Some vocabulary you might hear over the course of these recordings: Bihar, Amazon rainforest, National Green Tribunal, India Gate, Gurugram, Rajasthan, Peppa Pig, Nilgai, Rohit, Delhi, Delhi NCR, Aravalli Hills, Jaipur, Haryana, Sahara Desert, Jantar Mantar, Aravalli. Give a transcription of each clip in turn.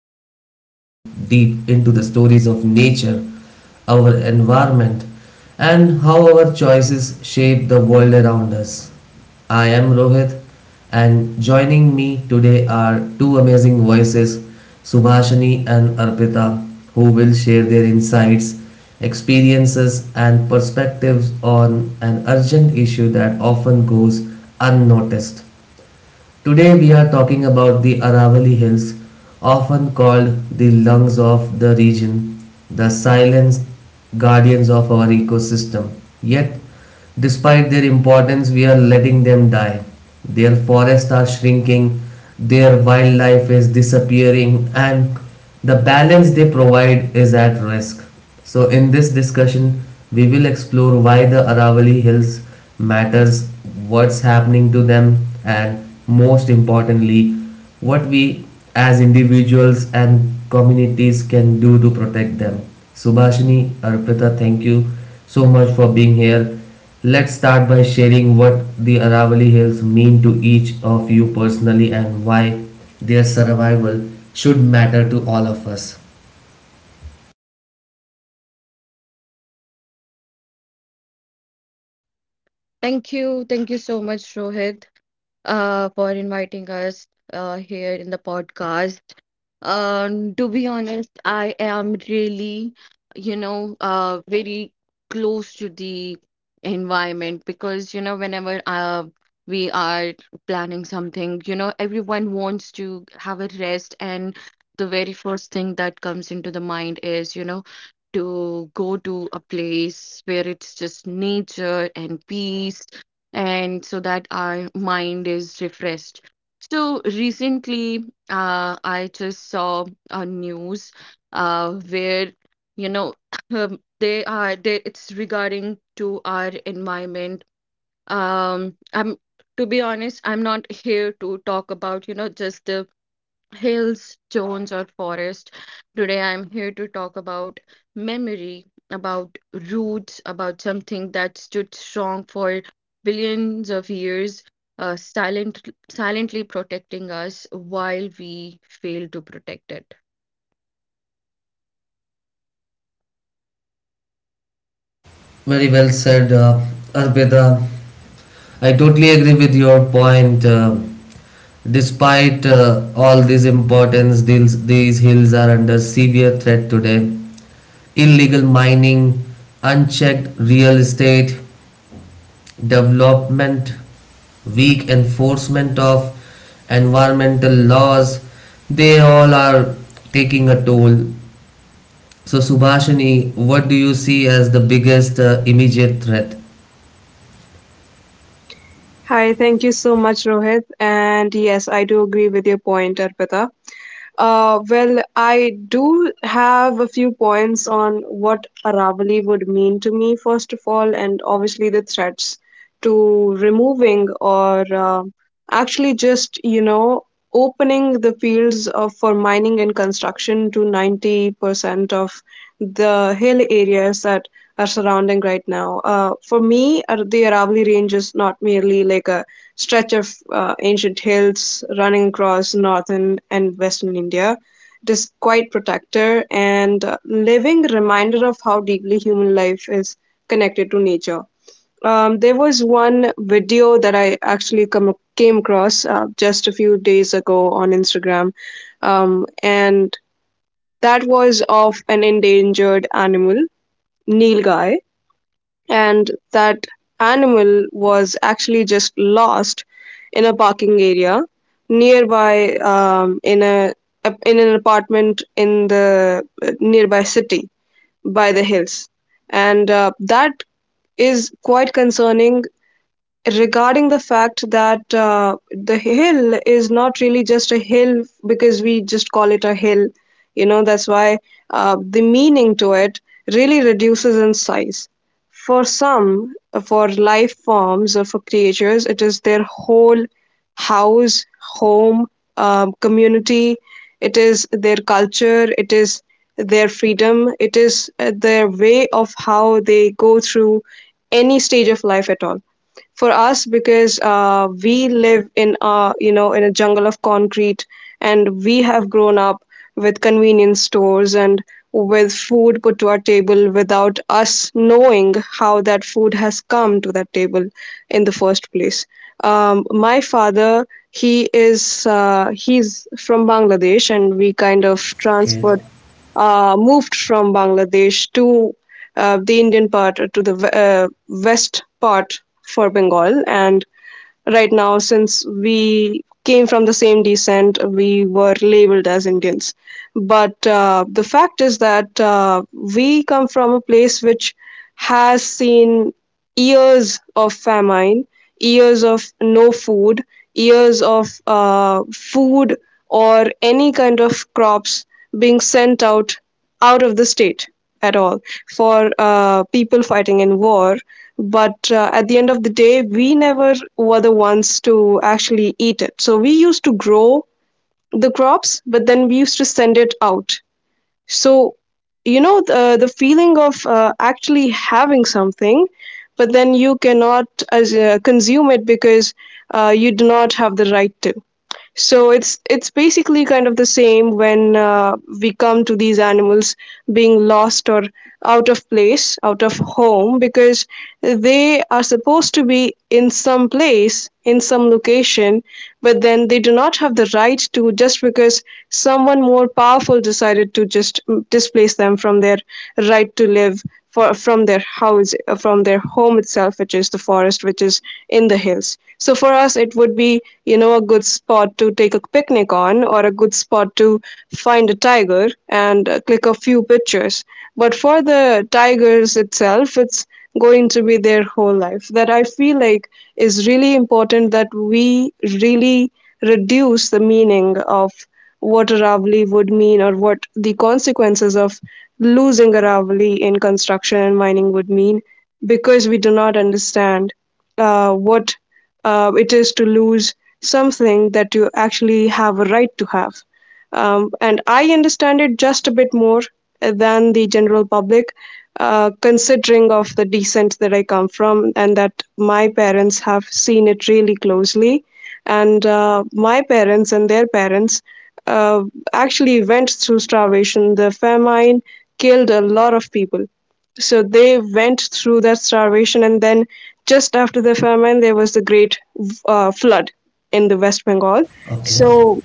where we dive deep into the stories of nature, our environment and how our choices shape the world around us. I am Rohit and joining me today are two amazing voices, Subhashini and Arpita, who will share their insights, experiences, and perspectives on an urgent issue that often goes unnoticed. Today we are talking about the Aravalli Hills, often called the lungs of the region, the silent guardians of our ecosystem. Yet, despite their importance, we are letting them die. Their forests are shrinking, their wildlife is disappearing, and the balance they provide is at risk. So in this discussion, we will explore why the Aravalli Hills matters, what's happening to them, and most importantly, what we as individuals and communities can do to protect them. Subhashini, Arpita, thank you so much for being here. Let's start by sharing what the Aravalli Hills mean to each of you personally and why their survival should matter to all of us. Thank you. Thank you so much, Rohit, for inviting us here in the podcast. To be honest, I am really, very close to the environment because, you know, whenever we are planning something, you know, everyone wants to have a rest, and the very first thing that comes into the mind is, you know, to go to a place where it's just nature and peace and so that our mind is refreshed. So recently, I just saw a news where you know it's regarding to our environment. I'm To be honest, I'm not here to talk about, you know, just the hills, stones, or forest. Today I'm here to talk about memory, about roots, about something that stood strong for billions of years, silent, silently protecting us while we fail to protect it. Very well said, Arpita. I totally agree with your point. Despite all this importance, these hills are under severe threat today. Illegal mining, unchecked real estate, development, weak enforcement of environmental laws, they all are taking a toll. So, Subhashini, what do you see as the biggest immediate threat? Hi, thank you so much, Rohit. And yes, I do agree with your point, Arpita. Well, I do have a few points on what Aravali would mean to me, first of all, and obviously the threats to removing or actually just opening the fields of, for mining and construction to 90% of the hill areas that are surrounding right now. For me, the Aravalli Range is not merely like a stretch of ancient hills running across northern and western India. It is quite protector and living reminder of how deeply human life is connected to nature. There was one video that I actually came across just a few days ago on Instagram, and that was of an endangered animal, Nilgai, and that animal was actually just lost in a parking area nearby in a in an apartment in the nearby city by the hills, and that is quite concerning regarding the fact that the hill is not really just a hill because we just call it a hill, that's why the meaning to it really reduces in size for some for life forms or for creatures it is their whole house home, community, it is their culture, it is their freedom, it is their way of how they go through any stage of life at all. For us, because we live in a, you know, in a jungle of concrete, and we have grown up with convenience stores and with food put to our table without us knowing how that food has come to that table in the first place. My father, he is he's from Bangladesh, and we kind of Okay. transferred moved from Bangladesh to the Indian part, to the west part for Bengal. And right now, since we came from the same descent, we were labeled as Indians. But the fact is that we come from a place which has seen years of famine, years of no food, years of food or any kind of crops being sent out out of the state at all for people fighting in war. But at the end of the day, we never were the ones to actually eat it. So we used to grow the crops, but then we used to send it out. So, you know, the feeling of actually having something, but then you cannot consume it because you do not have the right to. So it's basically kind of the same when we come to these animals being lost or out of place, out of home, because they are supposed to be in some place, in some location, but then they do not have the right to, just because someone more powerful decided to just displace them from their right to live, from their house, from their home itself, which is the forest, which is in the hills. So for us, it would be, you know, a good spot to take a picnic on, or a good spot to find a tiger and click a few pictures. But for the tigers itself, it's going to be their whole life. That, I feel like, is really important, that we really reduce the meaning of what a Ravalli would mean, or what the consequences of losing a Ravalli in construction and mining would mean, because we do not understand what it is to lose something that you actually have a right to have. And I understand it just a bit more than the general public, considering of the descent that I come from and that my parents have seen it really closely. And my parents and their parents uh, actually went through starvation. The famine killed a lot of people, so they went through that starvation, and then just after the famine there was the great flood in the West Bengal. Okay. So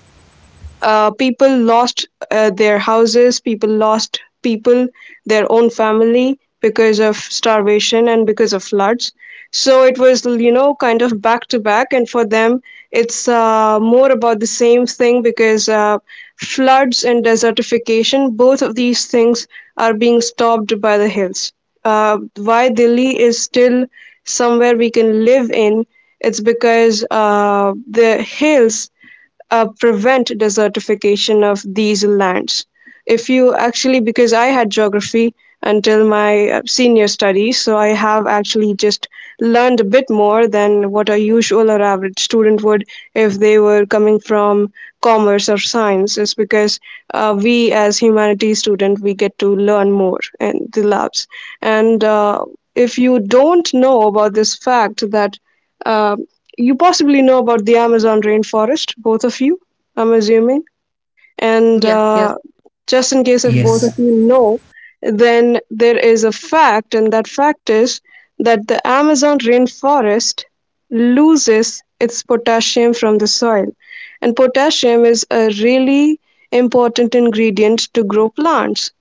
people lost their houses, people lost people, their own family, because of starvation and because of floods. So it was, you know, kind of back to back, and for them, it's more about the same thing, because floods and desertification, both of these things are being stopped by the hills. Why Delhi is still somewhere we can live in, it's because the hills prevent desertification of these lands. If you actually, because I had geography until my senior studies, so I have actually just learned a bit more than what a usual or average student would if they were coming from commerce or science, is because we as humanities student we get to learn more in the labs, and if you don't know about this fact that um, you possibly know about the Amazon rainforest, both of you, I'm assuming. And Yeah, yeah. Just in case if both of Yes, you know, then there is a fact, and that fact is that the Amazon rainforest loses its potassium from the soil. And potassium is a really important ingredient to grow plants.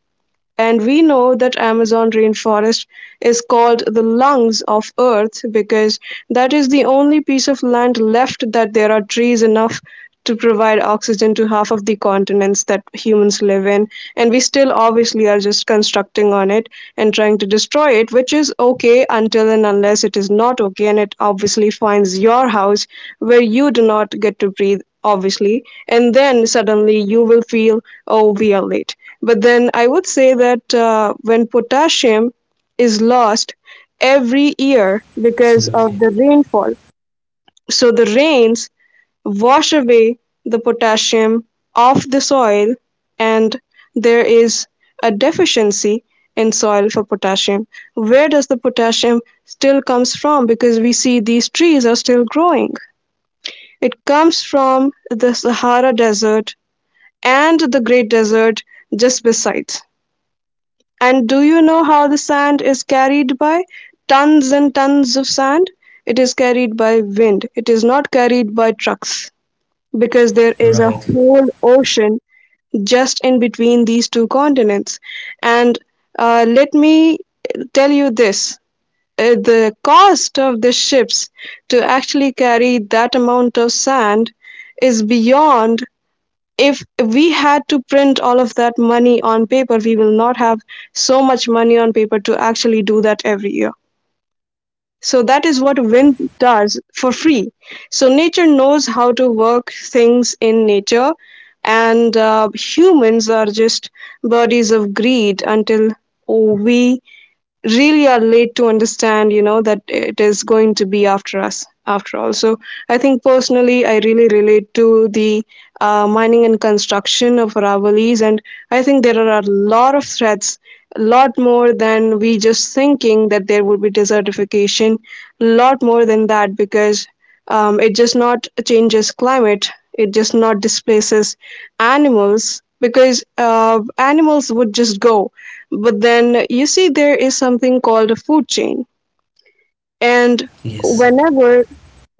And we know that Amazon rainforest is called the lungs of Earth, because that is the only piece of land left that there are trees enough to provide oxygen to half of the continents that humans live in. And we still obviously are just constructing on it and trying to destroy it, which is okay until and unless it is not okay. And it obviously finds your house where you do not get to breathe, obviously. And then suddenly you will feel, oh, we are late. But then I would say that when potassium is lost every year because of absolutely. the rainfall, so the rains wash away the potassium off the soil, and there is a deficiency in soil for potassium. Where does the potassium still comes from? Because we see these trees are still growing. It comes from the Sahara Desert and the Great Desert just besides. And do you know how the sand is carried by? Tons and tons of sand. It is carried by wind. It is not carried by trucks, because there is a Right. whole ocean just in between these two continents. And let me tell you this, the cost of the ships to actually carry that amount of sand is beyond, if we had to print all of that money on paper, we will not have so much money on paper to actually do that every year. So that is what wind does for free. So nature knows how to work things in nature, and humans are just bodies of greed until we really are late to understand, you know, that it is going to be after us after all. So I think personally I really relate to the mining and construction of Ravelis, and I think there are a lot of threats, a lot more than we just thinking that there would be desertification, a lot more than that, because it just not changes climate, it just not displaces animals, because animals would just go. But then you see, there is something called a food chain, and Yes. whenever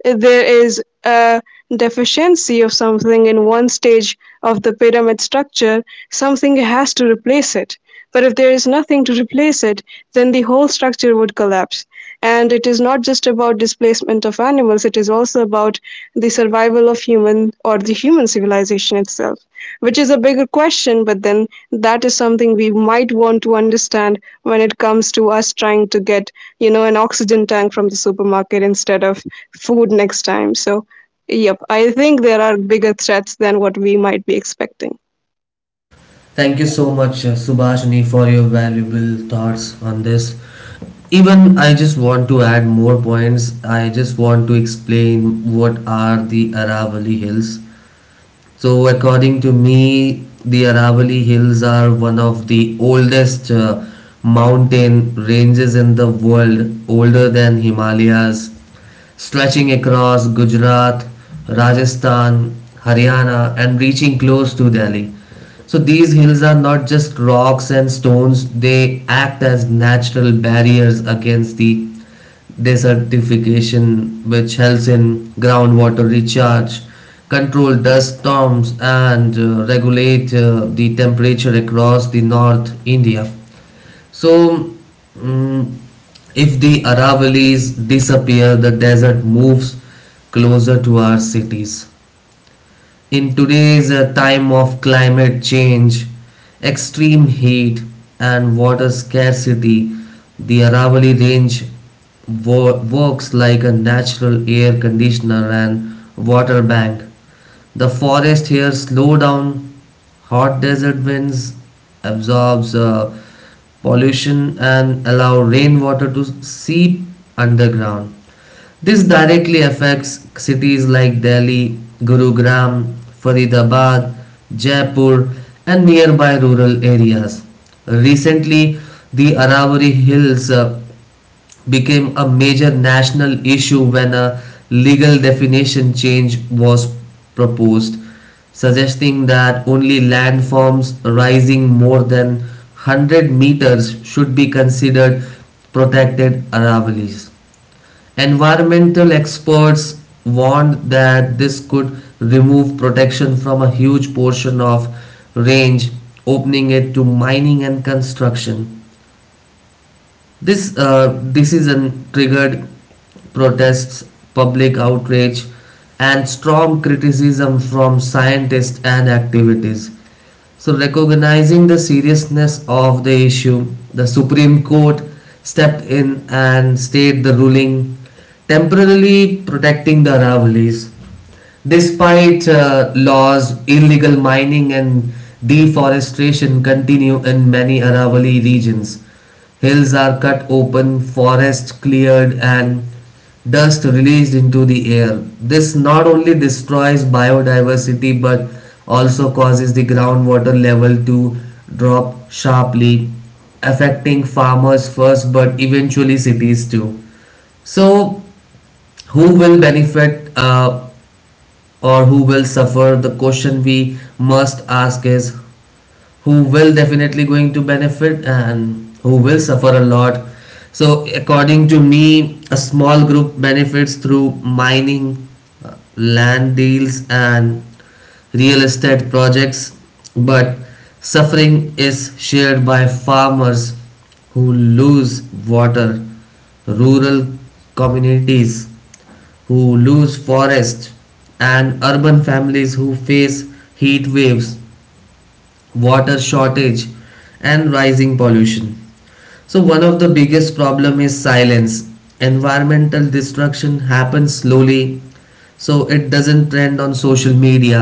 there is a deficiency of something in one stage of the pyramid structure, something has to replace it. But if there is nothing to replace it, then the whole structure would collapse. And it is not just about displacement of animals, it is also about the survival of human or the human civilization itself, which is a bigger question, but then that is something we might want to understand when it comes to us trying to get, you know, an oxygen tank from the supermarket instead of food next time. So, yep, I think there are bigger threats than what we might be expecting. Thank you so much, Subhashini, for your valuable thoughts on this. Even I just want to add more points. I just want to explain what are the Aravalli Hills. So, according to me, the Aravali Hills are one of the oldest mountain ranges in the world, older than Himalayas, stretching across Gujarat, Rajasthan, Haryana, and reaching close to Delhi. So, these hills are not just rocks and stones, they act as natural barriers against the desertification, which helps in groundwater recharge, control dust storms, and regulate the temperature across the North India. So, mm, if the Aravallis disappear, the desert moves closer to our cities. In today's time of climate change, extreme heat, and water scarcity, the Aravalli Range works like a natural air conditioner and water bank. The forest here slow down hot desert winds, absorbs pollution and allow rainwater to seep underground. This directly affects cities like Delhi, Gurugram, Faridabad, Jaipur, and nearby rural areas. Recently, the Aravalli Hills became a major national issue when a legal definition change was proposed, suggesting that only landforms rising more than 100 meters should be considered protected Aravallis. Environmental experts warned that this could remove protection from a huge portion of range, opening it to mining and construction. This decision triggered protests, public outrage, and strong criticism from scientists and activities. So, recognizing the seriousness of the issue, the Supreme Court stepped in and stayed the ruling, temporarily protecting the Aravallis. Despite laws, illegal mining and deforestation continue in many Aravali regions. Hills are cut open, forests cleared, and dust released into the air. This not only destroys biodiversity but also causes the groundwater level to drop sharply, affecting farmers first but eventually cities too. So, who will benefit or who will suffer? The question we must ask is who will definitely going to benefit and who will suffer a lot. So, according to me, a small group benefits through mining, land deals and real estate projects, but suffering is shared by farmers who lose water, rural communities who lose forest, and urban families who face heat waves, water shortage, and rising pollution. So one of the biggest problem is silence. Environmental destruction happens slowly, so it doesn't trend on social media.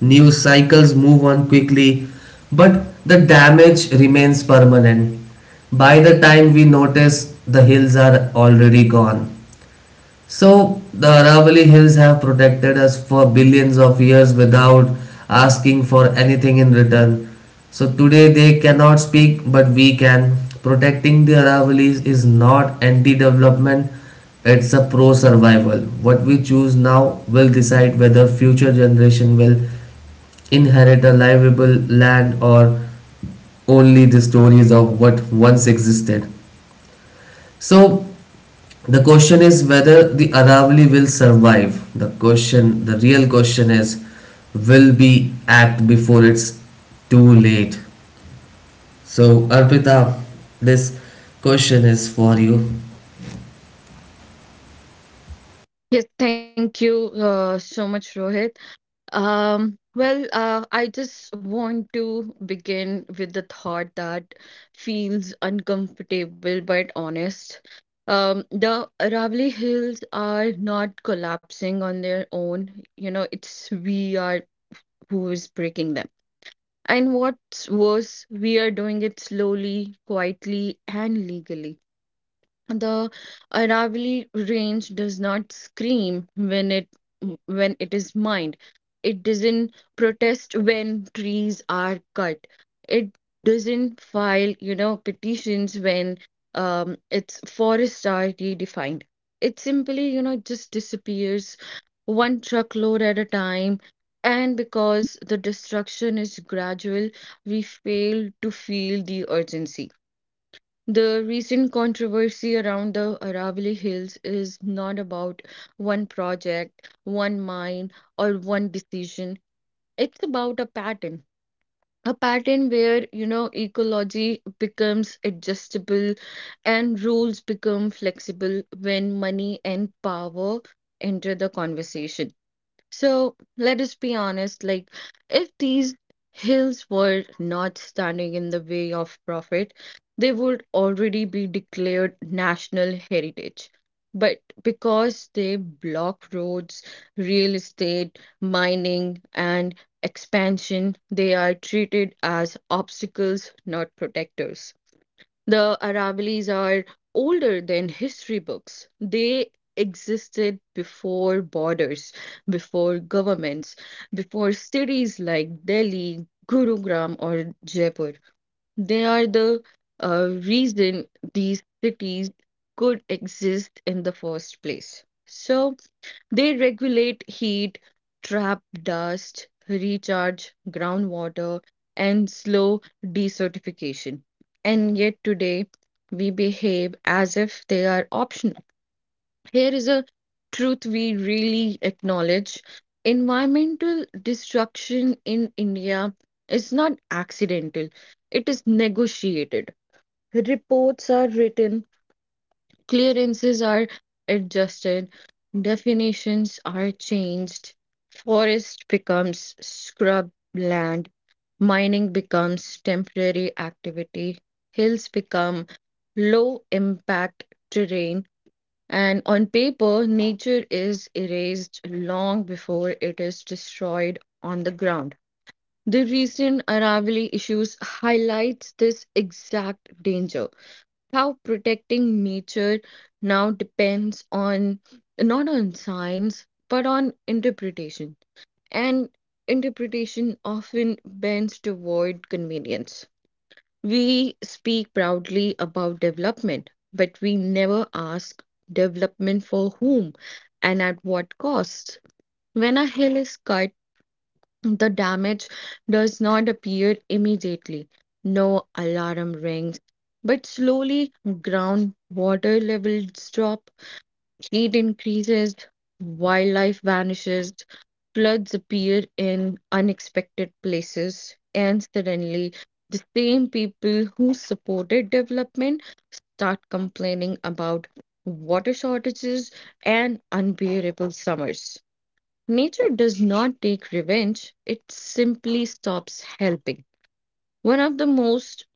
News cycles move on quickly, but the damage remains permanent. By the time we notice, the hills are already gone. So the Aravalli Hills have protected us for billions of years without asking for anything in return. So today they cannot speak, but we can. Protecting the Aravallis is not anti-development; it's a pro-survival. What we choose now will decide whether future generation will inherit a livable land or only the stories of what once existed. So the question is whether the Aravali will survive. The real question is, will be act before it's too late. So Arpita, this question is for you. Yes, thank you so much, Rohit. I just want to begin with the thought that feels uncomfortable but honest. The Aravalli Hills are not collapsing on their own. You know, it's we are who is breaking them. And what's worse, we are doing it slowly, quietly, and legally. The Aravalli range does not scream when it is mined. It doesn't protest when trees are cut. It doesn't file, you know, petitions when its forests are redefined. It simply, you know, just disappears one truckload at a time. And because the destruction is gradual, we fail to feel the urgency. The recent controversy around the Aravalli Hills is not about one project, one mine, or one decision. It's about a pattern. A pattern where, you know, ecology becomes adjustable and rules become flexible when money and power enter the conversation. So let us be honest, like, if these hills were not standing in the way of profit, they would already be declared national heritage. But because they block roads, real estate, mining, and expansion, they are treated as obstacles, not protectors. The Aravallis are older than history books. They existed before borders, before governments, before cities like Delhi, Gurugram, or Jaipur. They are the reason these cities could exist in the first place. So, they regulate heat, trap dust, recharge groundwater, and slow desertification. And yet today, we behave as if they are optional. Here is a truth we really acknowledge. Environmental destruction in India is not accidental, it is negotiated. Reports are written, clearances are adjusted, definitions are changed, forest becomes scrub land, mining becomes temporary activity, hills become low impact terrain, and on paper, nature is erased long before it is destroyed on the ground. The recent Aravali issues highlights this exact danger: how protecting nature now depends on, not on science but on interpretation, and interpretation often bends toward convenience. We speak proudly about development, but we never ask development for whom and at what cost. When a hill is cut, the damage does not appear immediately. No alarm rings, but slowly groundwater levels drop, heat increases, wildlife vanishes, floods appear in unexpected places, and suddenly the same people who supported development start complaining about water shortages and unbearable summers. Nature does not take revenge, it simply stops helping. One of the most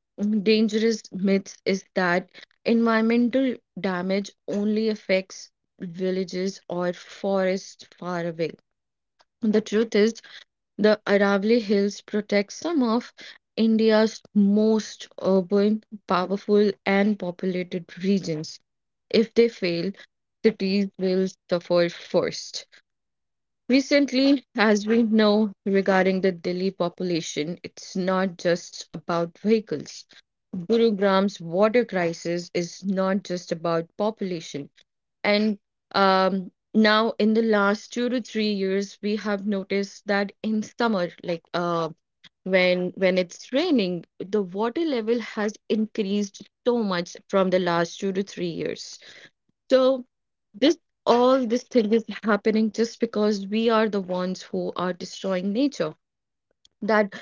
dangerous myths is that environmental damage only affects villages or forests far away. The truth is, the Aravali Hills protect some of India's most urban, powerful, and populated regions. If they fail, cities will suffer first. Recently, as we know regarding the Delhi population, it's not just about vehicles. Gurugram's water crisis is not just about population. And now, in the last 2 to 3 years, we have noticed that in summer, like, when it's raining, the water level has increased so much from the last 2 to 3 years. So this, all this thing, is happening just because we are the ones who are destroying nature. That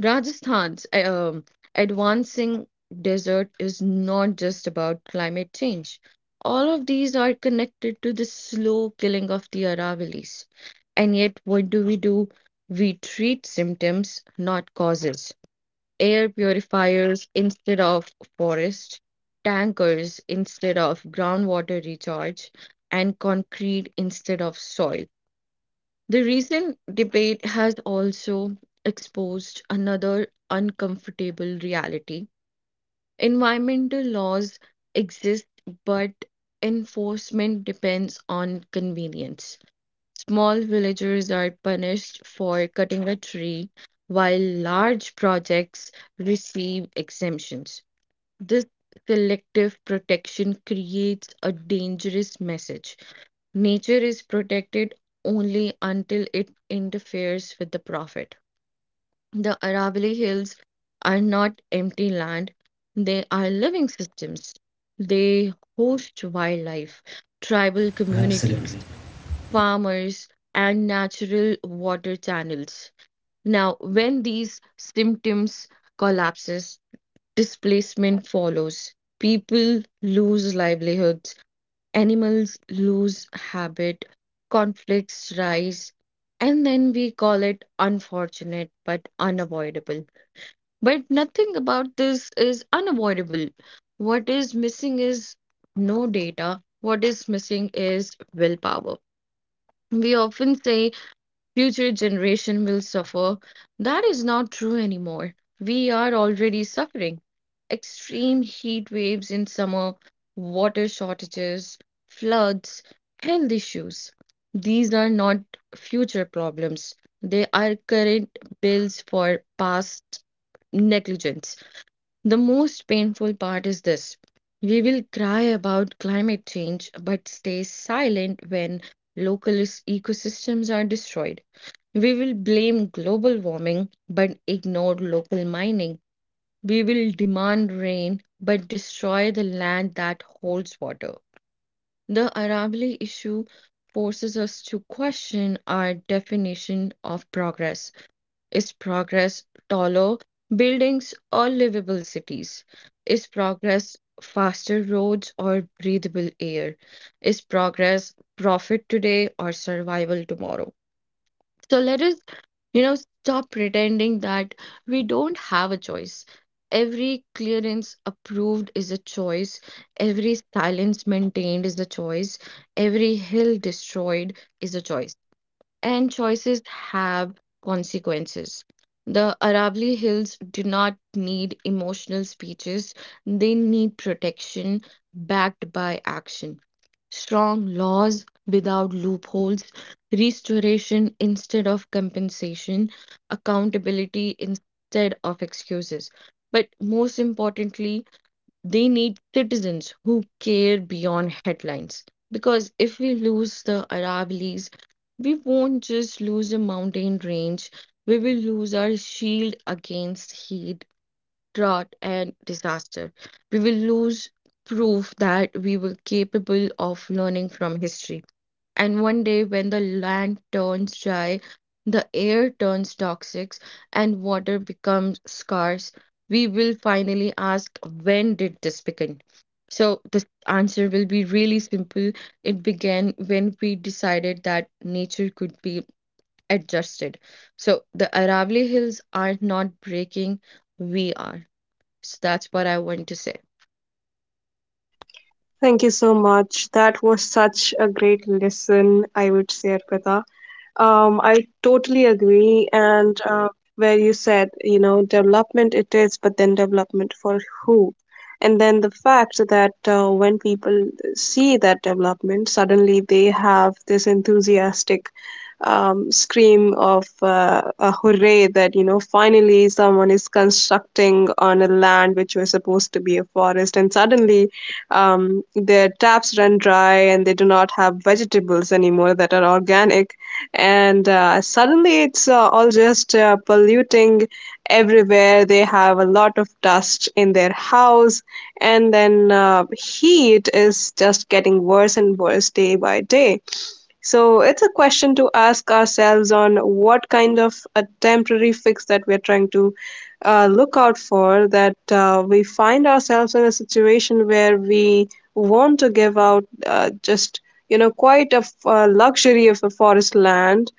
Rajasthan's advancing desert is not just about climate change. All of these are connected to the slow killing of the Aravallis. And yet, what do? We treat symptoms, not causes: air purifiers instead of forest, tankers instead of groundwater recharge, and concrete instead of soil. The recent debate has also exposed another uncomfortable reality. Environmental laws exist, but enforcement depends on convenience. Small villagers are punished for cutting a tree, while large projects receive exemptions. This selective protection creates a dangerous message. Nature is protected only until it interferes with the profit. The Aravalli Hills are not empty land, they are living systems. They host wildlife, tribal communities, Absolutely. farmers and natural water channels. Now, when these symptoms collapses, displacement follows. People lose livelihoods, animals lose habit, conflicts rise, and then we call it unfortunate but unavoidable. But nothing about this is unavoidable. What is missing is no data. What is missing is willpower. We often say future generation will suffer. That is not true anymore. We are already suffering. Extreme heat waves in summer, water shortages, floods, health issues. These are not future problems. They are current bills for past negligence. The most painful part is this. We will cry about climate change but stay silent when local is- ecosystems are destroyed. We will blame global warming but ignore local mining. We will demand rain but destroy the land that holds water. The Aravalli issue forces us to question our definition of progress. Is progress taller buildings or livable cities? Is progress faster roads or breathable air? Is progress profit today or survival tomorrow? So let us, you know, stop pretending that we don't have a choice. Every clearance approved is a choice. Every silence maintained is a choice. Every hill destroyed is a choice, and choices have consequences. The Aravali Hills do not need emotional speeches, they need protection backed by action. Strong laws without loopholes, restoration instead of compensation, accountability instead of excuses. But most importantly, they need citizens who care beyond headlines. Because if we lose the Aravallis, we won't just lose a mountain range, we will lose our shield against heat, drought, and disaster. We will lose proof that we were capable of learning from history. And one day, when the land turns dry, the air turns toxic, and water becomes scarce, we will finally ask, when did this begin? So, the answer will be really simple. It began when we decided that nature could be adjusted. So, the Aravali Hills are not breaking, we are. So, that's what I want to say. Thank you so much. That was such a great lesson, I would say, Arpita. I totally agree. And where you said, you know, development it is, but then development for who? And then the fact that when people see that development, suddenly they have this enthusiastic scream of a hooray that, you know, finally someone is constructing on a land which was supposed to be a forest. And suddenly their taps run dry, and they do not have vegetables anymore that are organic, and suddenly it's all just polluting everywhere. They have a lot of dust in their house, and then heat is just getting worse and worse day by day. So it's a question to ask ourselves on what kind of a temporary fix that we're trying to look out for, that we find ourselves in a situation where we want to give out just, you know, quite a luxury of a forest land,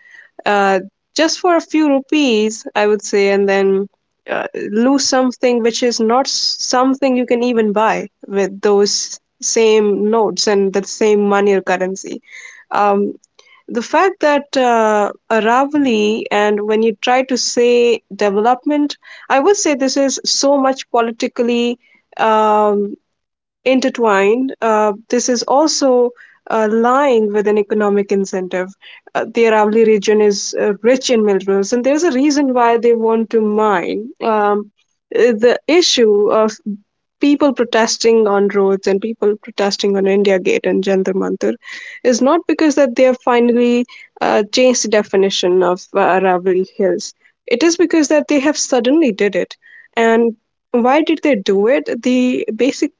uh, just for a few rupees, I would say, and then lose something which is not something you can even buy with those same notes and the same money or currency. Um, the fact that Aravali, and when you try to say development, I would say this is so much politically um, intertwined. This is also lying with an economic incentive. The Aravalli region is rich in minerals, and there's a reason why they want to mine. The issue of people protesting on roads and people protesting on India Gate and Jantar Mantar is not because that they have finally changed the definition of Aravalli Hills. It is because that they have suddenly did it, and why did they do it? The basic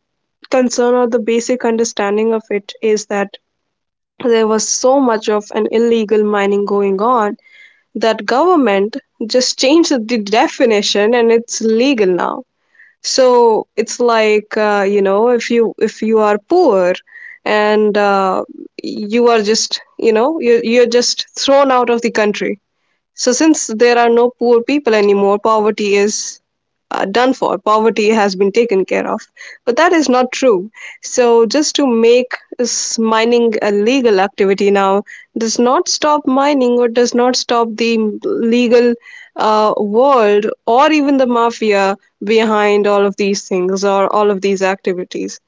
concern or the basic understanding of it is that there was so much of an illegal mining going on, that government just changed the definition and it's legal now. So it's like, you know, if you are poor and you are just, you know, you're just thrown out of the country. So, since there are no poor people anymore, poverty is done for. Poverty has been taken care of. But that is not true. So, just to make mining a legal activity now does not stop mining, or does not stop the legal world or even the mafia behind all of these things or all of these activities.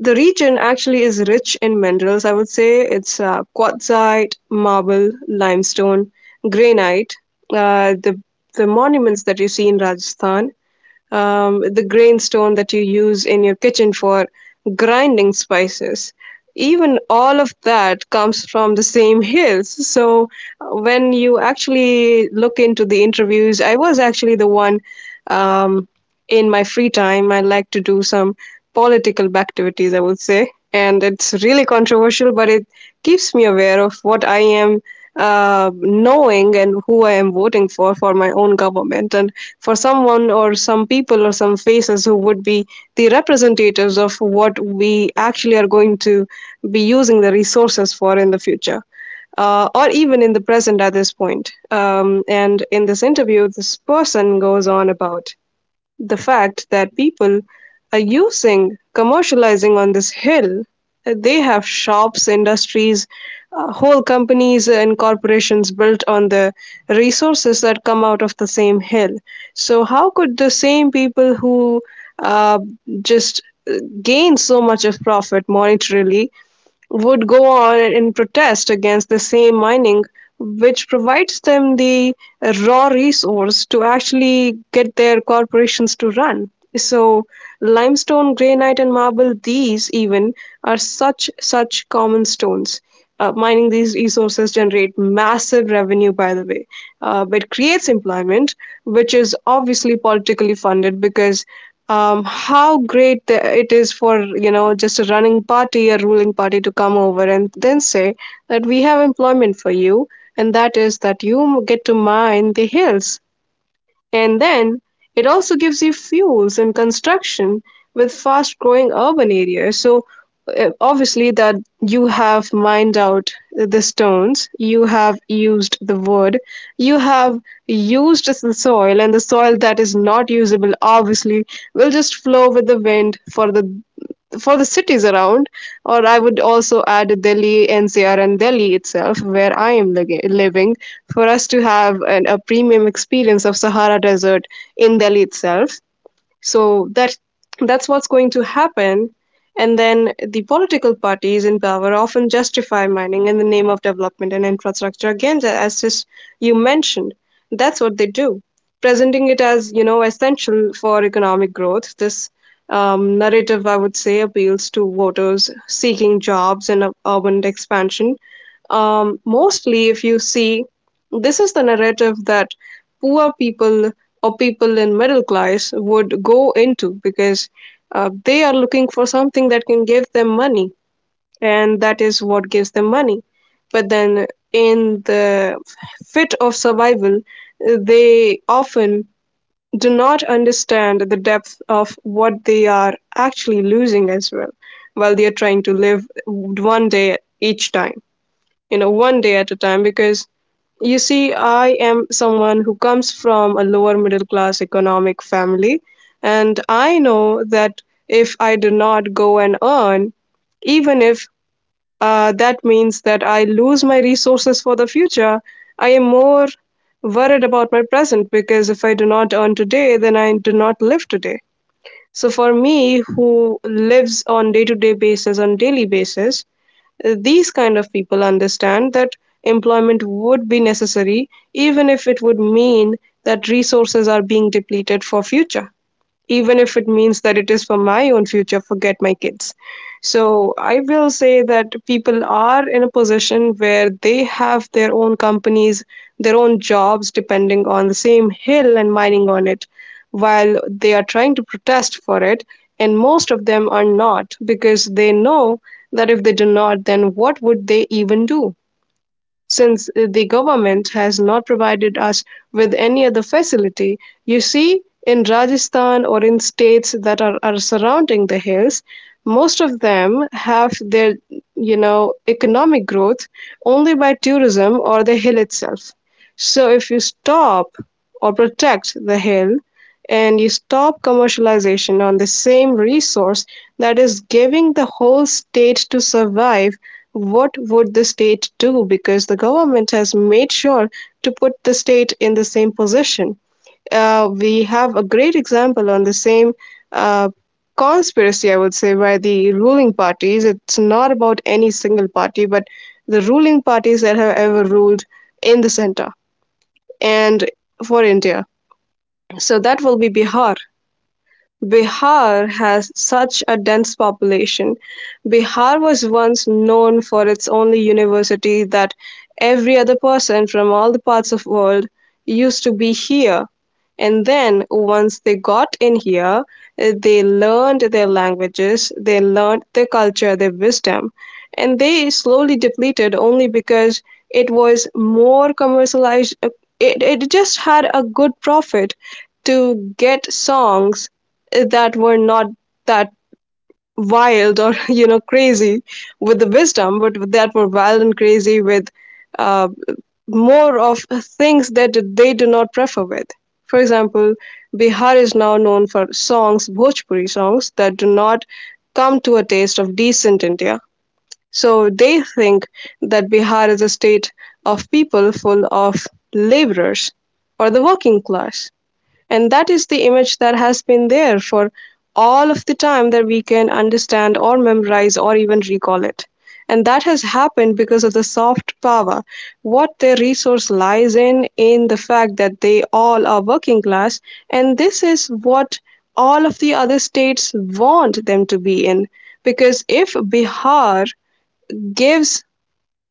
The region actually is rich in minerals, I would say. It's quartzite, marble, limestone, granite, uh, the, the monuments that you see in Rajasthan, the grainstone that you use in your kitchen for grinding spices. Even all of that comes from the same hills. So when you actually look into the interviews, I was actually the one. Um, in my free time, I like to do some political activities, I would say. And it's really controversial, but it keeps me aware of what I am knowing and who I am voting for my own government. And for someone or some people or some faces who would be the representatives of what we actually are going to be using the resources for in the future, or even in the present at this point. And in this interview, this person goes on about the fact that people are using, commercializing on this hill. They have shops, industries, whole companies and corporations built on the resources that come out of the same hill. So how could the same people who uh, just uh, gain so much of profit monetarily would go on in protest against the same mining, which provides them the raw resource to actually get their corporations to run. So, limestone, granite, and marble, these even are such common stones. Mining these resources generate massive revenue, by the way, but creates employment, which is obviously politically funded because how great it is for, you know, just a running party, a ruling party to come over and then say that we have employment for you, and that is that you get to mine the hills. And then, it also gives you fuels and construction with fast growing urban areas. So, obviously, that you have mined out the stones, you have used the wood, you have used the soil, and the soil that is not usable obviously will just flow with the wind for the cities around, or I would also add Delhi, NCR, and Delhi itself, where I am living, for us to have an, a premium experience of Sahara Desert in Delhi itself. So that's what's going to happen. And then the political parties in power often justify mining in the name of development and infrastructure. Again, as just you mentioned, that's what they do, presenting it as, you know, essential for economic growth. This narrative, I would say, appeals to voters seeking jobs and urban expansion. Mostly, if you see, this is the narrative that poor people or people in middle class would go into because they are looking for something that can give them money, and that is what gives them money. But then, in the fit of survival, they often do not understand the depth of what they are actually losing as well while they are trying to live one day each time, you know, one day at a time. Because you see, I am someone who comes from a lower middle class economic family, and I know that if I do not go and earn, even if that means that I lose my resources for the future, I am more worried about my present, because if I do not earn today, then I do not live today. So for me, who lives on day-to-day basis, on daily basis, these kind of people understand that employment would be necessary, even if it would mean that resources are being depleted for future, even if it means that it is for my own future, forget my kids. So I will say that people are in a position where they have their own companies, their own jobs depending on the same hill and mining on it, while they are trying to protest for it. And most of them are not, because they know that if they do not, then what would they even do? Since the government has not provided us with any other facility, you see, in Rajasthan or in states that are surrounding the hills, most of them have their, you know, economic growth only by tourism or the hill itself. So if you stop or protect the hill, and you stop commercialization on the same resource that is giving the whole state to survive, what would the state do? Because the government has made sure to put the state in the same position. We have a great example on the same uh, conspiracy, I would say, by the ruling parties. It's not about any single party, but the ruling parties that have ever ruled in the center and for India. So that will be Bihar. Bihar has such a dense population. Bihar was once known for its only university, that every other person from all the parts of world used to be here. And then once they got in here, they learned their languages, they learned their culture, their wisdom, and they slowly depleted only because it was more commercialized. It just had a good profit to get songs that were not that wild or you know crazy with the wisdom, but that were wild and crazy with uh, more of things that they do not prefer with, for example, bihar is now known for songs, bhojpuri songs that do not come to a taste of decent india. So they think that bihar is a state of people full of laborers or the working class, and that is the image that has been there for all of the time that we can understand or memorize or even recall it. And that has happened because of the soft power. What their resource lies in the fact that they all are working class, and this is what all of the other states want them to be in. Because if Bihar gives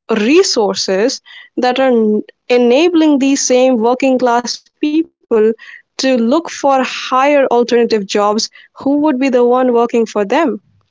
resources that are enabling these same working class people to look for higher alternative jobs, who would be the one working for them?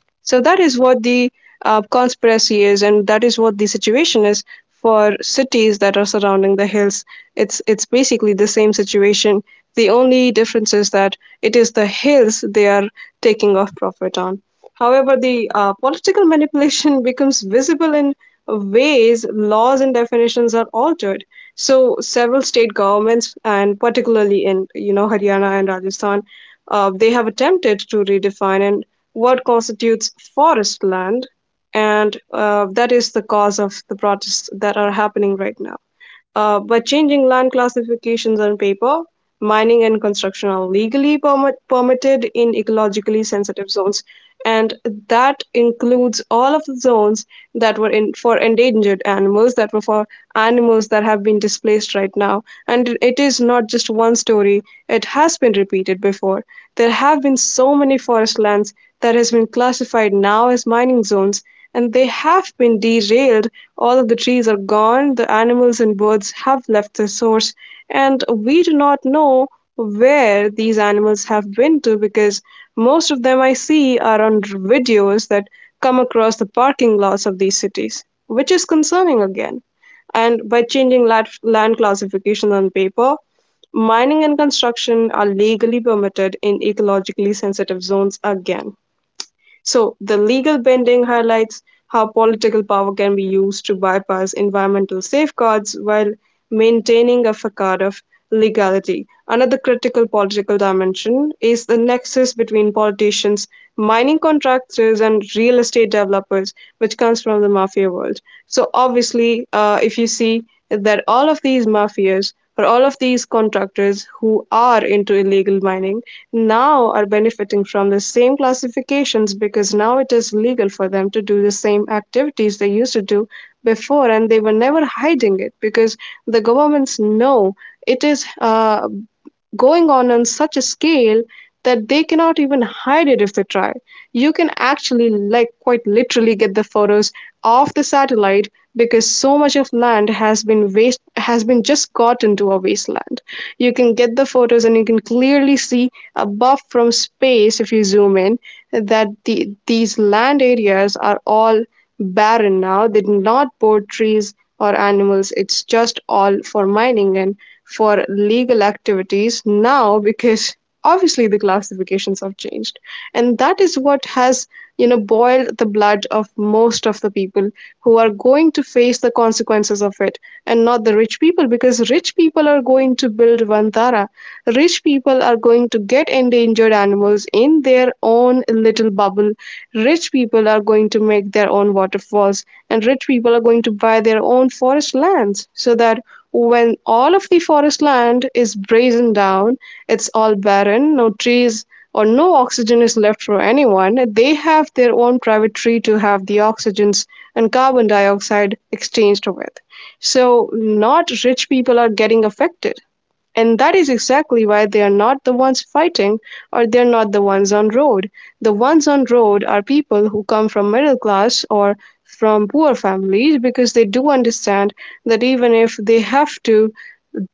So that is what the conspiracy is, and that is what the situation is for cities that are surrounding the hills. It's basically the same situation. The only difference is that it is the hills they are taking off profit on. However, the political manipulation becomes visible in ways laws and definitions are altered. So several state governments, and particularly in, you know, Haryana and Rajasthan, they have attempted to redefine and what constitutes forest land, and that is the cause of the protests that are happening right now. By changing land classifications on paper, mining and construction are legally permitted in ecologically sensitive zones, and that includes all of the zones that were in for endangered animals, that were for animals that have been displaced right now. And it is not just one story; it has been repeated before. There have been so many forest lands that has been classified now as mining zones, and they have been derailed. All of the trees are gone, the animals and birds have left the source, and we do not know where these animals have been to, because most of them I see are on videos that come across the parking lots of these cities, which is concerning again. And by changing land classification on paper, mining and construction are legally permitted in ecologically sensitive zones again. So, the legal bending highlights how political power can be used to bypass environmental safeguards while maintaining a facade of legality. Another critical political dimension is the nexus between politicians, mining contractors, and real estate developers, which comes from the mafia world. So, obviously, if you see that all of these mafias or all of these contractors who are into illegal mining now are benefiting from the same classifications because now it is legal for them to do the same activities they used to do before, and they were never hiding it because the governments know it is going on such a scale that they cannot even hide it if they try. You can actually, like, quite literally get the photos of the satellite because so much of land has been waste has been just got into a wasteland. You can get the photos and you can clearly see above from space if you zoom in that these land areas are all barren now. They did not pour trees or animals. It's just all for mining and for legal activities now because obviously the classifications have changed. And that is what has, you know, boiled the blood of most of the people who are going to face the consequences of it, and not the rich people, because rich people are going to build Vantara. Rich people are going to get endangered animals in their own little bubble. Rich people are going to make their own waterfalls, and rich people are going to buy their own forest lands so that when all of the forest land is brazen down, it's all barren, no trees or no oxygen is left for anyone. They have their own private tree to have the oxygens and carbon dioxide exchanged with. So, not rich people are getting affected. And that is exactly why they are not the ones fighting, or they're not the ones on road. The ones on road are people who come from middle class or from poor families because they do understand that even if they have to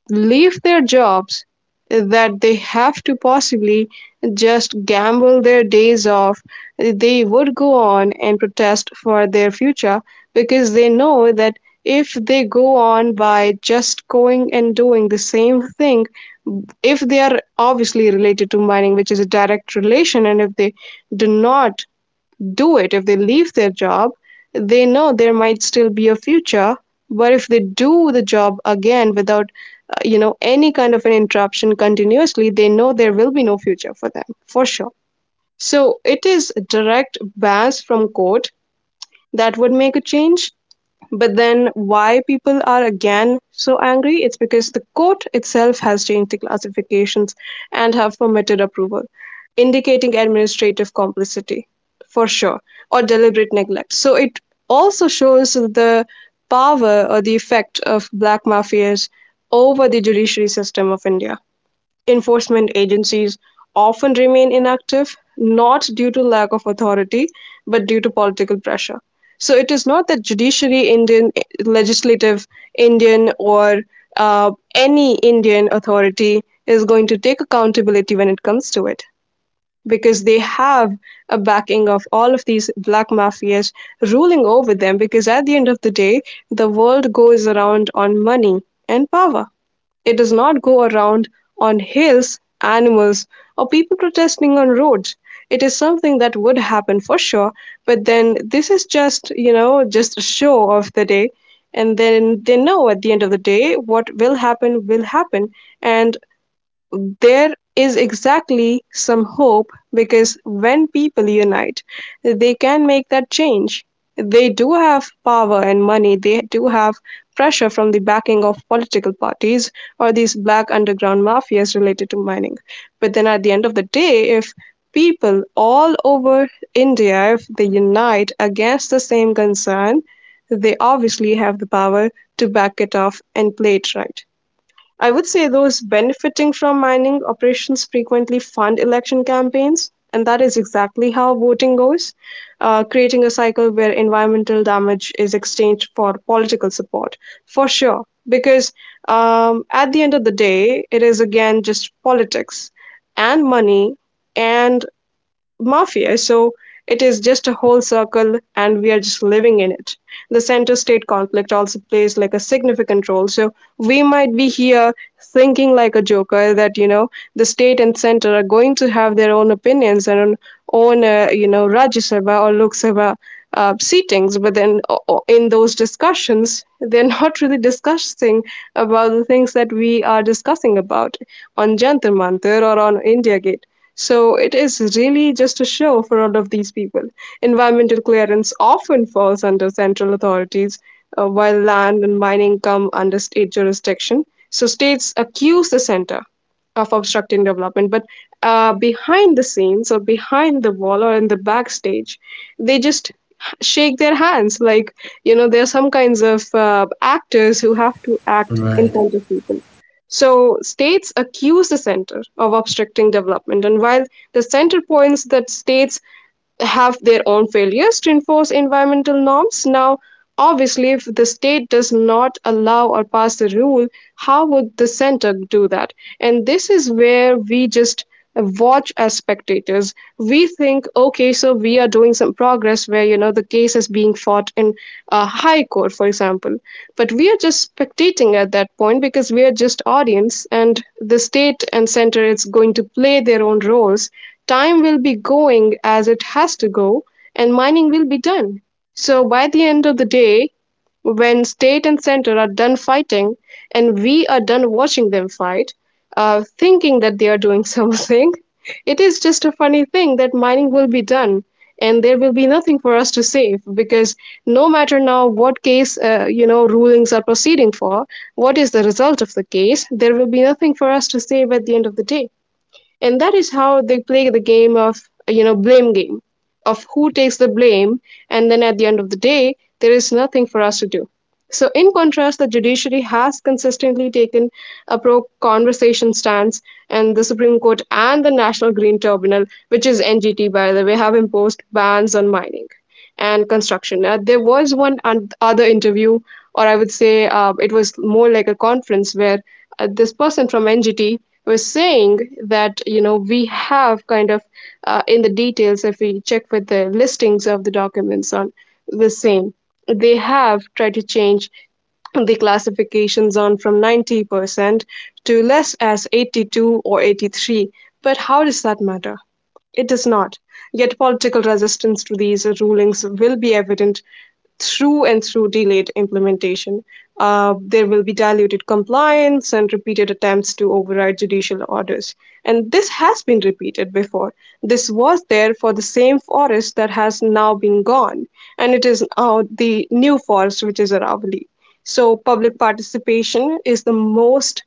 leave their jobs, that they have to possibly just gamble their days off, they would go on and protest for their future. Because they know that if they go on by just going and doing the same thing, if they are obviously related to mining, which is a direct relation, and if they do not do it. If they leave their job, they know there might still be a future. But if they do the job again without, you know, any kind of an interruption continuously, they know there will be no future for them, for sure. So it is direct bans from court that would make a change. But then, why people are again so angry? It's because the court itself has changed the classifications and have permitted approval, indicating administrative complicity for sure, or deliberate neglect. So it also shows the power or the effect of black mafias over the judiciary system of India. Enforcement agencies often remain inactive, not due to lack of authority, but due to political pressure. So it is not that judiciary Indian, legislative Indian, or any Indian authority is going to take accountability when it comes to it, because they have a backing of all of these black mafias ruling over them. Because at the end of the day, the world goes around on money and power. It does not go around on hills, animals, or people protesting on roads. It is something that would happen for sure, but then this is just, you know, just a show of the day. And then they know at the end of the day what will happen will happen. And there is exactly some hope because when people unite, they can make that change. They do have power and money, they do have pressure from the backing of political parties or these black underground mafias related to mining. But then at the end of the day, if people all over India, if they unite against the same concern, they obviously have the power to back it off and play it right. I would say those benefiting from mining operations frequently fund election campaigns, and that is exactly how voting goes, creating a cycle where environmental damage is exchanged for political support, for sure. Because at the end of the day, it is again just politics and money and mafia. So it is just a whole circle, and we are just living in it. The center state conflict also plays like a significant role. So we might be here thinking like a joker that, you know, the state and center are going to have their own opinions and own, own you know, Rajya Sabha or Lok Sabha seatings, but then in those discussions, they're not really discussing about the things that we are discussing about on Jantar Mantar or on India Gate. So it is really just a show for all of these people. Environmental clearance often falls under central authorities, while land and mining come under state jurisdiction. So states accuse the center of obstructing development, but behind the scenes or behind the wall or in the backstage, they just shake their hands. Like, you know, there are some kinds of actors who have to act in Right. front of people. So states accuse the center of obstructing development. And while the center points that states have their own failures to enforce environmental norms. Now, obviously, if the state does not allow or pass the rule, how would the center do that? And this is where we just watch as spectators. We think, okay, so we are doing some progress where, you know, the case is being fought in a high court, for example. But we are just spectating at that point because we are just audience, and the state and center is going to play their own roles. Time will be going as it has to go, and mining will be done. So by the end of the day, when state and center are done fighting and we are done watching them fight, thinking that they are doing something, it is just a funny thing that mining will be done and there will be nothing for us to save, because no matter now what case you know rulings are proceeding for, what is the result of the case, there will be nothing for us to save at the end of the day. And that is how they play the game of, you know, blame game of who takes the blame. And then at the end of the day, there is nothing for us to do. So, in contrast, the judiciary has consistently taken a pro conversation stance, and the Supreme Court and the National Green Tribunal, which is NGT by the way, have imposed bans on mining and construction. There was one other interview, or I would say it was more like a conference, where this person from NGT was saying that you know we have kind of in the details if we check with the listings of the documents on the same they have tried to change the classification zone from 90% to less as 82 or 83, but how does that matter? It does not. Yet political resistance to these rulings will be evident through and through delayed implementation. There will be diluted compliance and repeated attempts to override judicial orders. And this has been repeated before. This was there for the same forest that has now been gone, and it is now the new forest, which is Aravalli. So, public participation is the most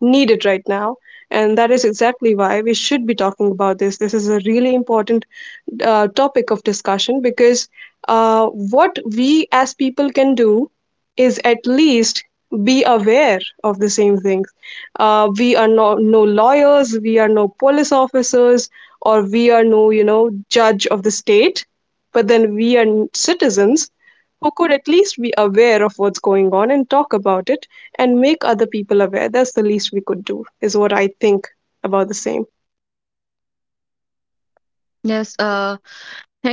needed right now. And that is exactly why we should be talking about this. This is a really important topic of discussion because what we as people can do is at least be aware of the same things. We are no lawyers, we are no police officers, or we are no, you know, judge of the state, but then we are citizens who could at least be aware of what's going on and talk about it and make other people aware. That's the least we could do, is what I think about the same. Yes,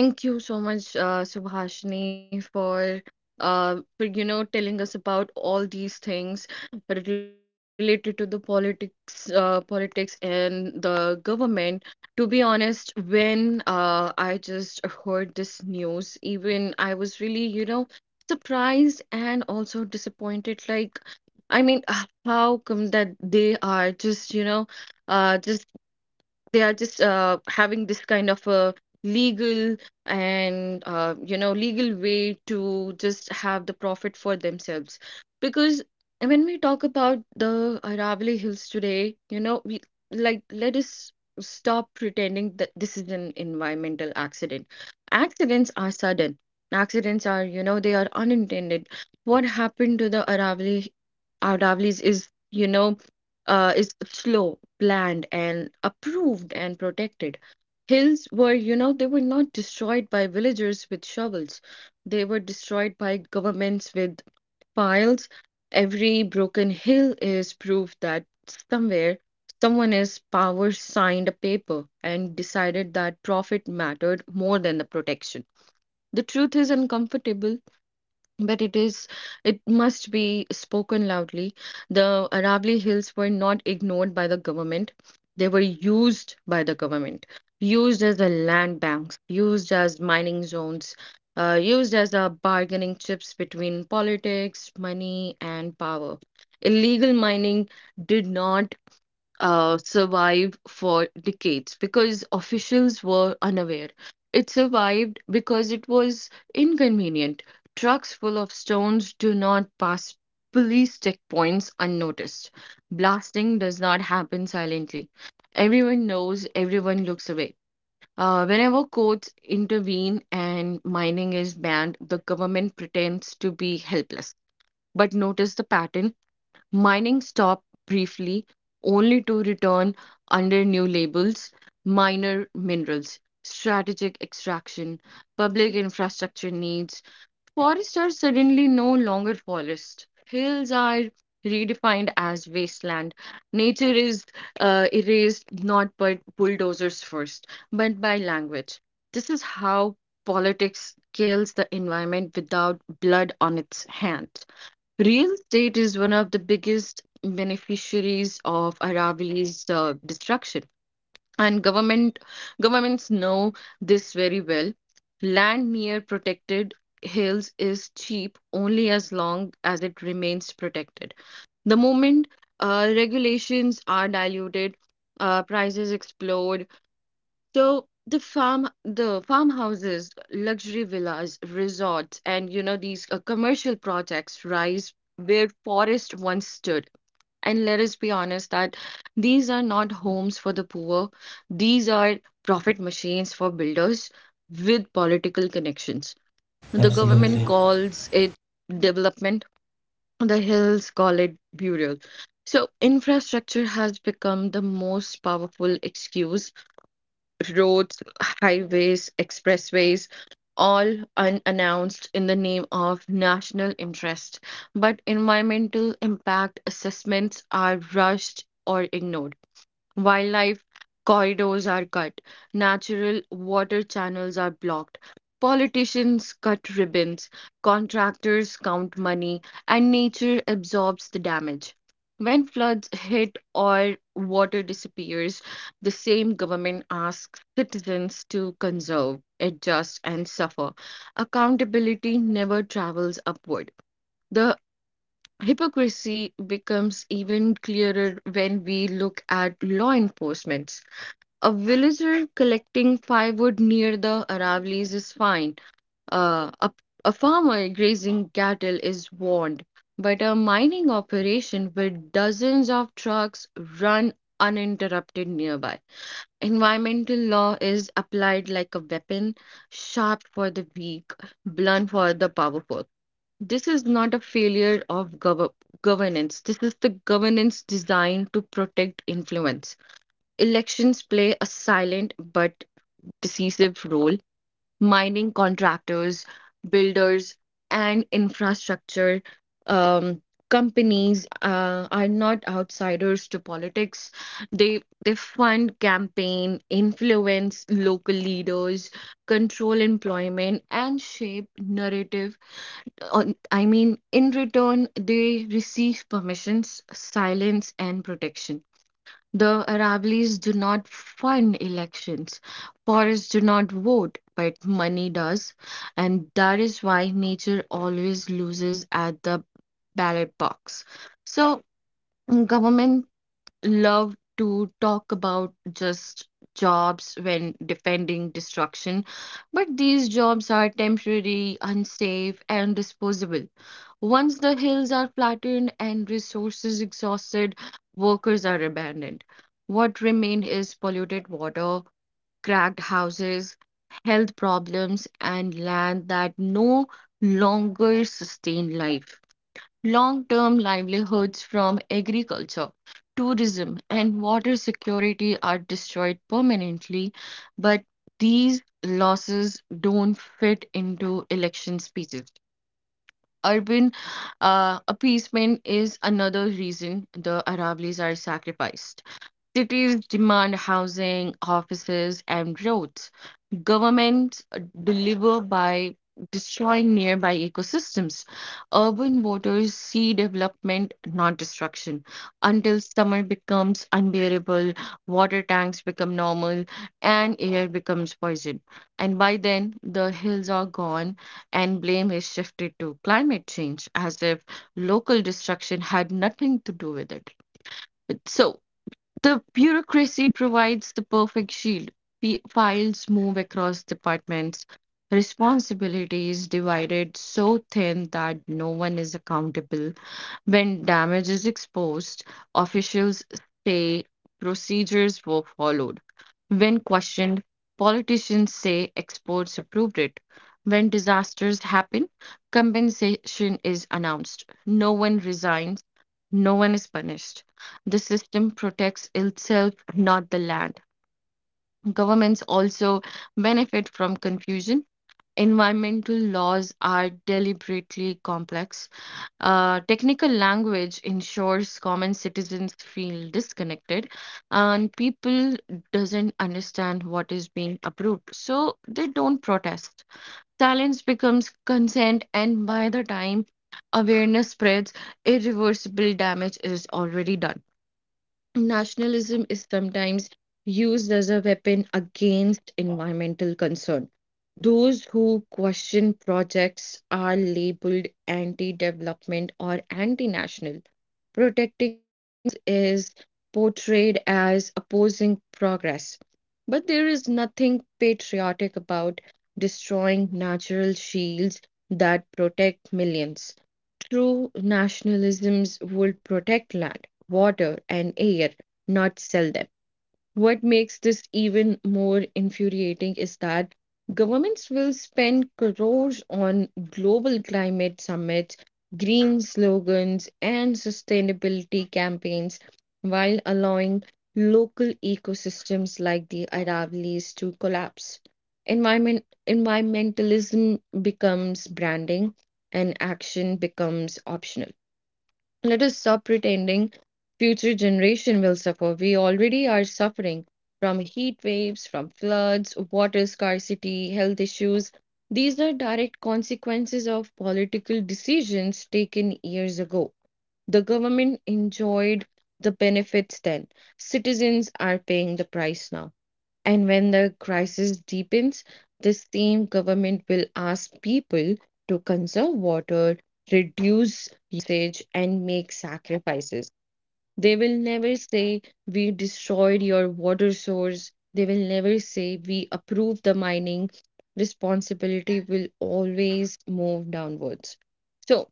thank you so much, Subhashini, for for, you know, telling us about all these things related to the politics, politics and the government. To be honest, when I just heard this news, even I was really, you know, surprised and also disappointed. Like, I mean, how come that they are just, you know, just they are just having this kind of a legal and, you know, legal way to just have the profit for themselves? Because when we talk about the Aravalli Hills today, you know, we, like, let us stop pretending that this is an environmental accident. Accidents are sudden, accidents are, you know, they are unintended. What happened to the Aravallis is, you know, is slow, planned, and approved and protected. Hills were, you know, they were not destroyed by villagers with shovels. They were destroyed by governments with piles. Every broken hill is proof that somewhere someone is power signed a paper and decided that profit mattered more than the protection. The truth is uncomfortable, but it is, it must be spoken loudly. The Aravalli Hills were not ignored by the government. They were used by the government, used as a land banks, used as mining zones, used as a bargaining chips between politics, money, and power. Illegal mining did not survived for decades because officials were unaware. It survived because it was inconvenient. Trucks full of stones do not pass police checkpoints unnoticed. Blasting does not happen silently. Everyone knows, everyone looks away. Whenever courts intervene and mining is banned, the government pretends to be helpless. But notice the pattern. Mining stopped briefly, only to return under new labels: minor minerals, strategic extraction, public infrastructure needs. Forests are suddenly no longer forest. Hills are redefined as wasteland. Nature is erased not by bulldozers first, but by language. This is how politics kills the environment without blood on its hand. Real estate is one of the biggest beneficiaries of Aravali's destruction, and governments know this very well. Land near protected hills is cheap only as long as it remains protected. The moment regulations are diluted, prices explode, so the farm, the farmhouses, luxury villas, resorts, and, you know, these commercial projects rise where forest once stood. And let us be honest that these are not homes for the poor. These are profit machines for builders with political connections. The government Absolutely. calls it development. The hills call it burial. So infrastructure has become the most powerful excuse: roads, highways, expressways, all unannounced in the name of national interest, but environmental impact assessments are rushed or ignored. Wildlife corridors are cut, natural water channels are blocked, politicians cut ribbons, contractors count money, and nature absorbs the damage. When floods hit or water disappears, the same government asks citizens to conserve, adjust, and suffer. Accountability never travels upward. The Hypocrisy becomes even clearer when we look at law enforcement. A villager collecting firewood near the Aravallis is fined. Uh, a, a farmer grazing cattle is warned. But a mining operation with dozens of trucks run uninterrupted nearby. Environmental law is applied like a weapon, sharp for the weak, blunt for the powerful. This is not a failure of governance. This is the governance designed to protect influence. Elections play a silent but decisive role. Mining contractors, builders, and infrastructure um, companies are not outsiders to politics. They fund campaign, influence local leaders, control employment, and shape narrative in return, they receive permissions, silence, and protection. The Aravallis do not fund elections. Forests do not vote, but money does. And that is why nature always loses at the ballot box. So, government love to talk about just jobs when defending destruction, but these jobs are temporary, unsafe, and disposable. Once the hills are flattened and resources exhausted, workers are abandoned. What remain is polluted water, cracked houses, health problems, and land that no longer sustain life. Long-term livelihoods from agriculture, tourism, and water security are destroyed permanently, but these losses don't fit into election speeches. Urban appeasement is another reason the Aravallis are sacrificed. Cities demand housing, offices, and roads. Government deliver by destroying nearby ecosystems. Urban voters see development, not destruction. Until summer becomes unbearable, water tanks become normal, and air becomes poison. And by then, the hills are gone, and blame is shifted to climate change as if local destruction had nothing to do with it. So, the bureaucracy provides the perfect shield. Files move across departments. Responsibility is divided so thin that no one is accountable. When damage is exposed, officials say procedures were followed. When questioned, politicians say experts approved it. When disasters happen, compensation is announced. No one resigns, no one is punished. The system protects itself, not the land. Governments also benefit from confusion. Environmental laws are deliberately complex. Technical language ensures common citizens feel disconnected, and people doesn't understand what is being approved, so they don't protest. Silence becomes consent, and by the time awareness spreads, irreversible damage is already done. Nationalism is sometimes used as a weapon against environmental concern. Those who question projects are labeled anti development or anti national, is portrayed as opposing progress. But there is nothing patriotic about destroying natural shields that protect millions. True nationalisms would protect land, water, and air, not sell them. What makes this even more infuriating is that governments will spend crores on global climate summits, green slogans, and sustainability campaigns while allowing local ecosystems like the Aravallis to collapse. Environmentalism becomes branding, and action becomes optional. Let us stop pretending future generation will suffer. We already are suffering from heat waves, from floods, water scarcity, health issues. These are direct consequences of political decisions taken years ago. The government enjoyed the benefits then. Citizens are paying the price now. And when the crisis deepens, the same government will ask people to conserve water, reduce usage, and make sacrifices. They will never say, "We destroyed your water source." They will never say, "We approve the mining." Responsibility will always move downwards. So,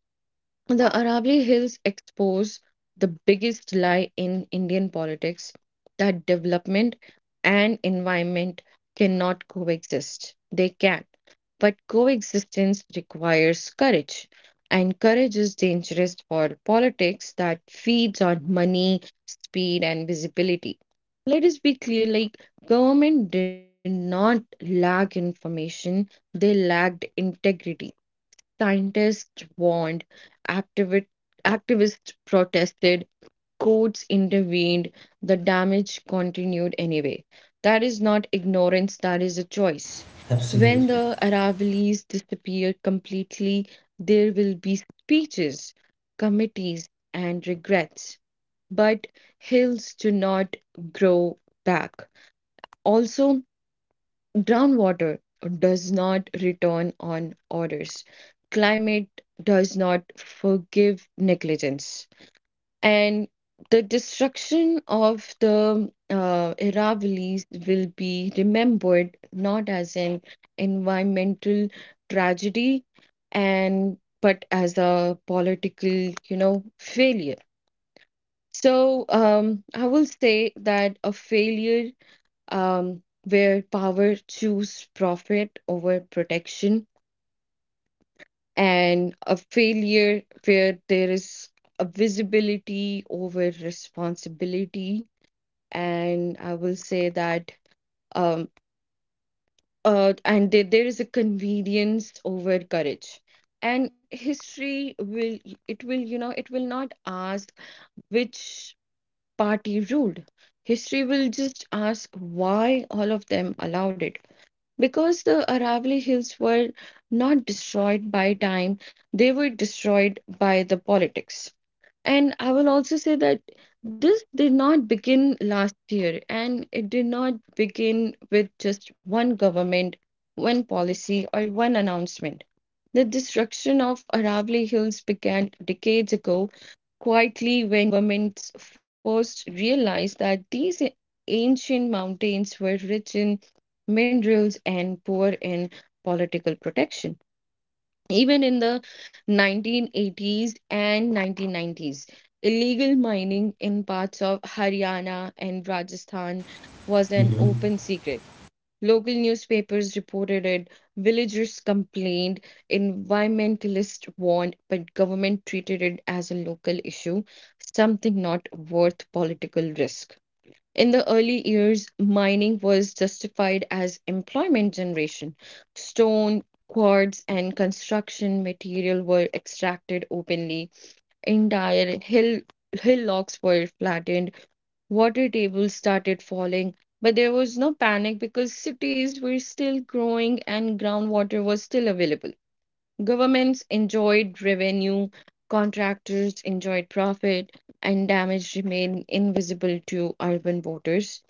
the Aravalli Hills expose the biggest lie in Indian politics, that development and environment cannot coexist. They can, but coexistence requires courage, and courage is dangerous for politics that feeds on money, speed, and visibility. Let us be clear, like government did not lack information, they lacked integrity. Scientists warned, activi- activists protested, courts intervened, the damage continued anyway. That is not ignorance, that is a choice. When Absolutely. the Aravallis disappear completely, there will be speeches, committees, and regrets. But hills do not grow back. Also, groundwater does not return on orders. Climate does not forgive negligence. And the destruction of the Aravallis will be remembered not as an environmental tragedy and but as a political failure. So I will say that a failure where power chooses profit over protection, and a failure where there is a visibility over responsibility. And I will say that, um, and there is a convenience over courage. And history will, it will not ask which party ruled. History will just ask why all of them allowed it. Because the Aravalli Hills were not destroyed by time, they were destroyed by the politics. And I will also say that this did not begin last year, and it did not begin with just one government, one policy, or one announcement. The destruction of Aravalli Hills began decades ago, quietly, when governments first realized that these ancient mountains were rich in minerals and poor in political protection. Even in the 1980s and 1990s, illegal mining in parts of Haryana and Rajasthan was an open Hmm. secret. Local newspapers reported it, villagers complained, environmentalists warned, but government treated it as a local issue, something not worth political risk. In the early years, mining was justified as employment generation. Stone, quartz, and construction material were extracted openly. Entire hillocks were flattened, water tables started falling. But there was no panic because cities were still growing and groundwater was still available. Governments enjoyed revenue, contractors enjoyed profit, and damage remained invisible to urban voters.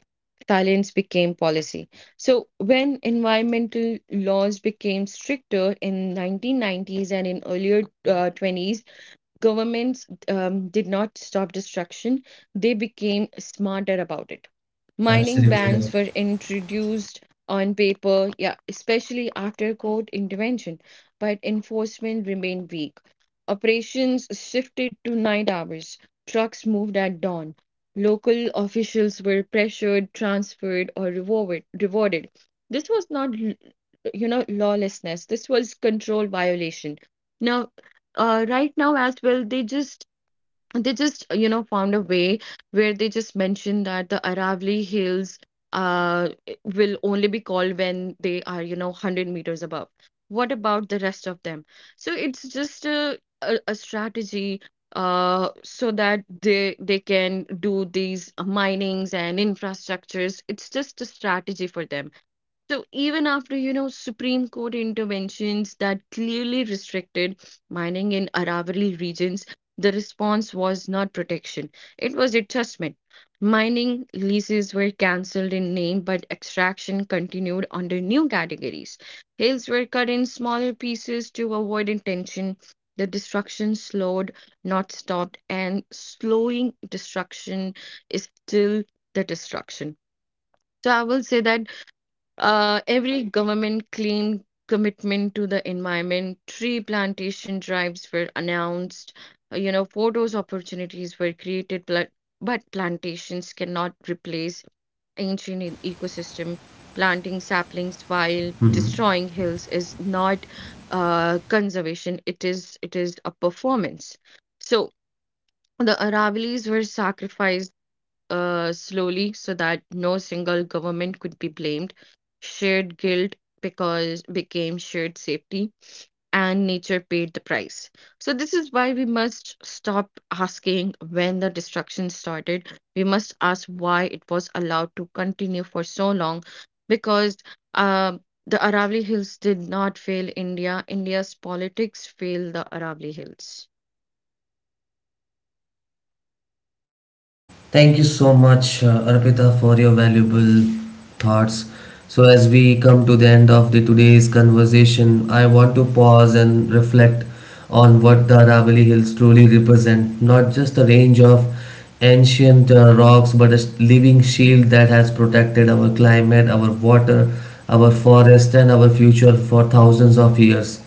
Silence became policy. So, when environmental laws became stricter in 1990s and in earlier 20s, governments did not stop destruction, they became smarter about it. Mining Absolutely bans right. were introduced on paper, yeah, especially after court intervention, but enforcement remained weak. Operations shifted to night hours, trucks moved at dawn. Local officials were pressured, transferred, or rewarded. This was not, you know, lawlessness, this was control violation. Now right now as well, they just you know found a way where they just mentioned that the Aravali hills uh will only be called when they are, you know, 100 meters above. What about the rest of them? So it's just a strategy, so that they can do these minings and infrastructures. It's just a strategy for them. So even after, you know, Supreme Court interventions that clearly restricted mining in Aravalli regions, the response was not protection, it was adjustment. Mining leases were cancelled in name, but extraction continued under new categories. Hills were cut in smaller pieces to avoid intention. The destruction slowed, not stopped, and slowing destruction is still the destruction. So I will say that every government claimed commitment to the environment. Tree plantation drives were announced. You know, photos opportunities were created, but plantations cannot replace ancient ecosystem. Planting saplings while Hmm. destroying hills is not conservation. It is a performance. So the Aravallis were sacrificed slowly so that no single government could be blamed. Shared guilt because became shared safety, and nature paid the price. So this is why we must stop asking when the destruction started. We must ask why it was allowed to continue for so long, because uh, the Aravali Hills did not fail India. India's politics failed the Aravali Hills. Thank you so much, Arpita, for your valuable thoughts. So, as we come to the end of the today's conversation, I want to pause and reflect on what the Aravalli Hills truly represent. Not just a range of ancient rocks, but a living shield that has protected our climate, our water, our forest, and our future for thousands of years.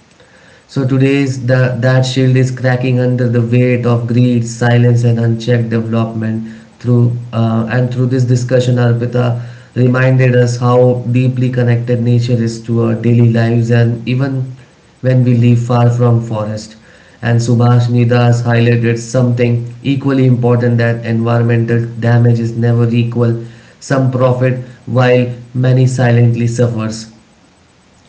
So today's that shield is cracking under the weight of greed, silence, and unchecked development. Through and through this discussion, Arpita reminded us how deeply connected nature is to our daily lives, and even when we live far from forest. And Subhash Nidas highlighted something equally important that environmental damage is never equal. Some profit while many silently suffers.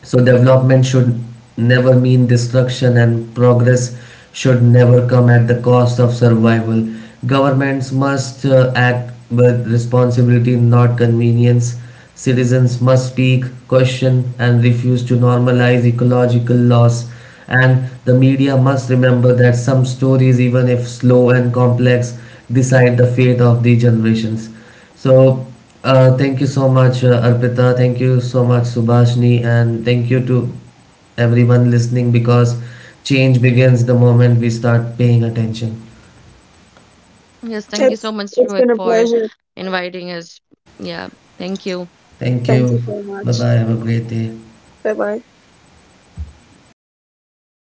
So development should never mean destruction and progress should never come at the cost of survival. Governments must act with responsibility, not convenience. Citizens must speak, question, and refuse to normalize ecological loss. And the media must remember that some stories, even if slow and complex, decide the fate of the generations. So, thank you so much, Arpita. Thank you so much, Subhashni. And thank you to everyone listening because change begins the moment we start paying attention. Yes, thank you It's so much, it's been a Rohit, for pleasure. inviting us. Yeah, thank you. Thank Thank you you. so much. Bye bye. Have a great day. Bye bye.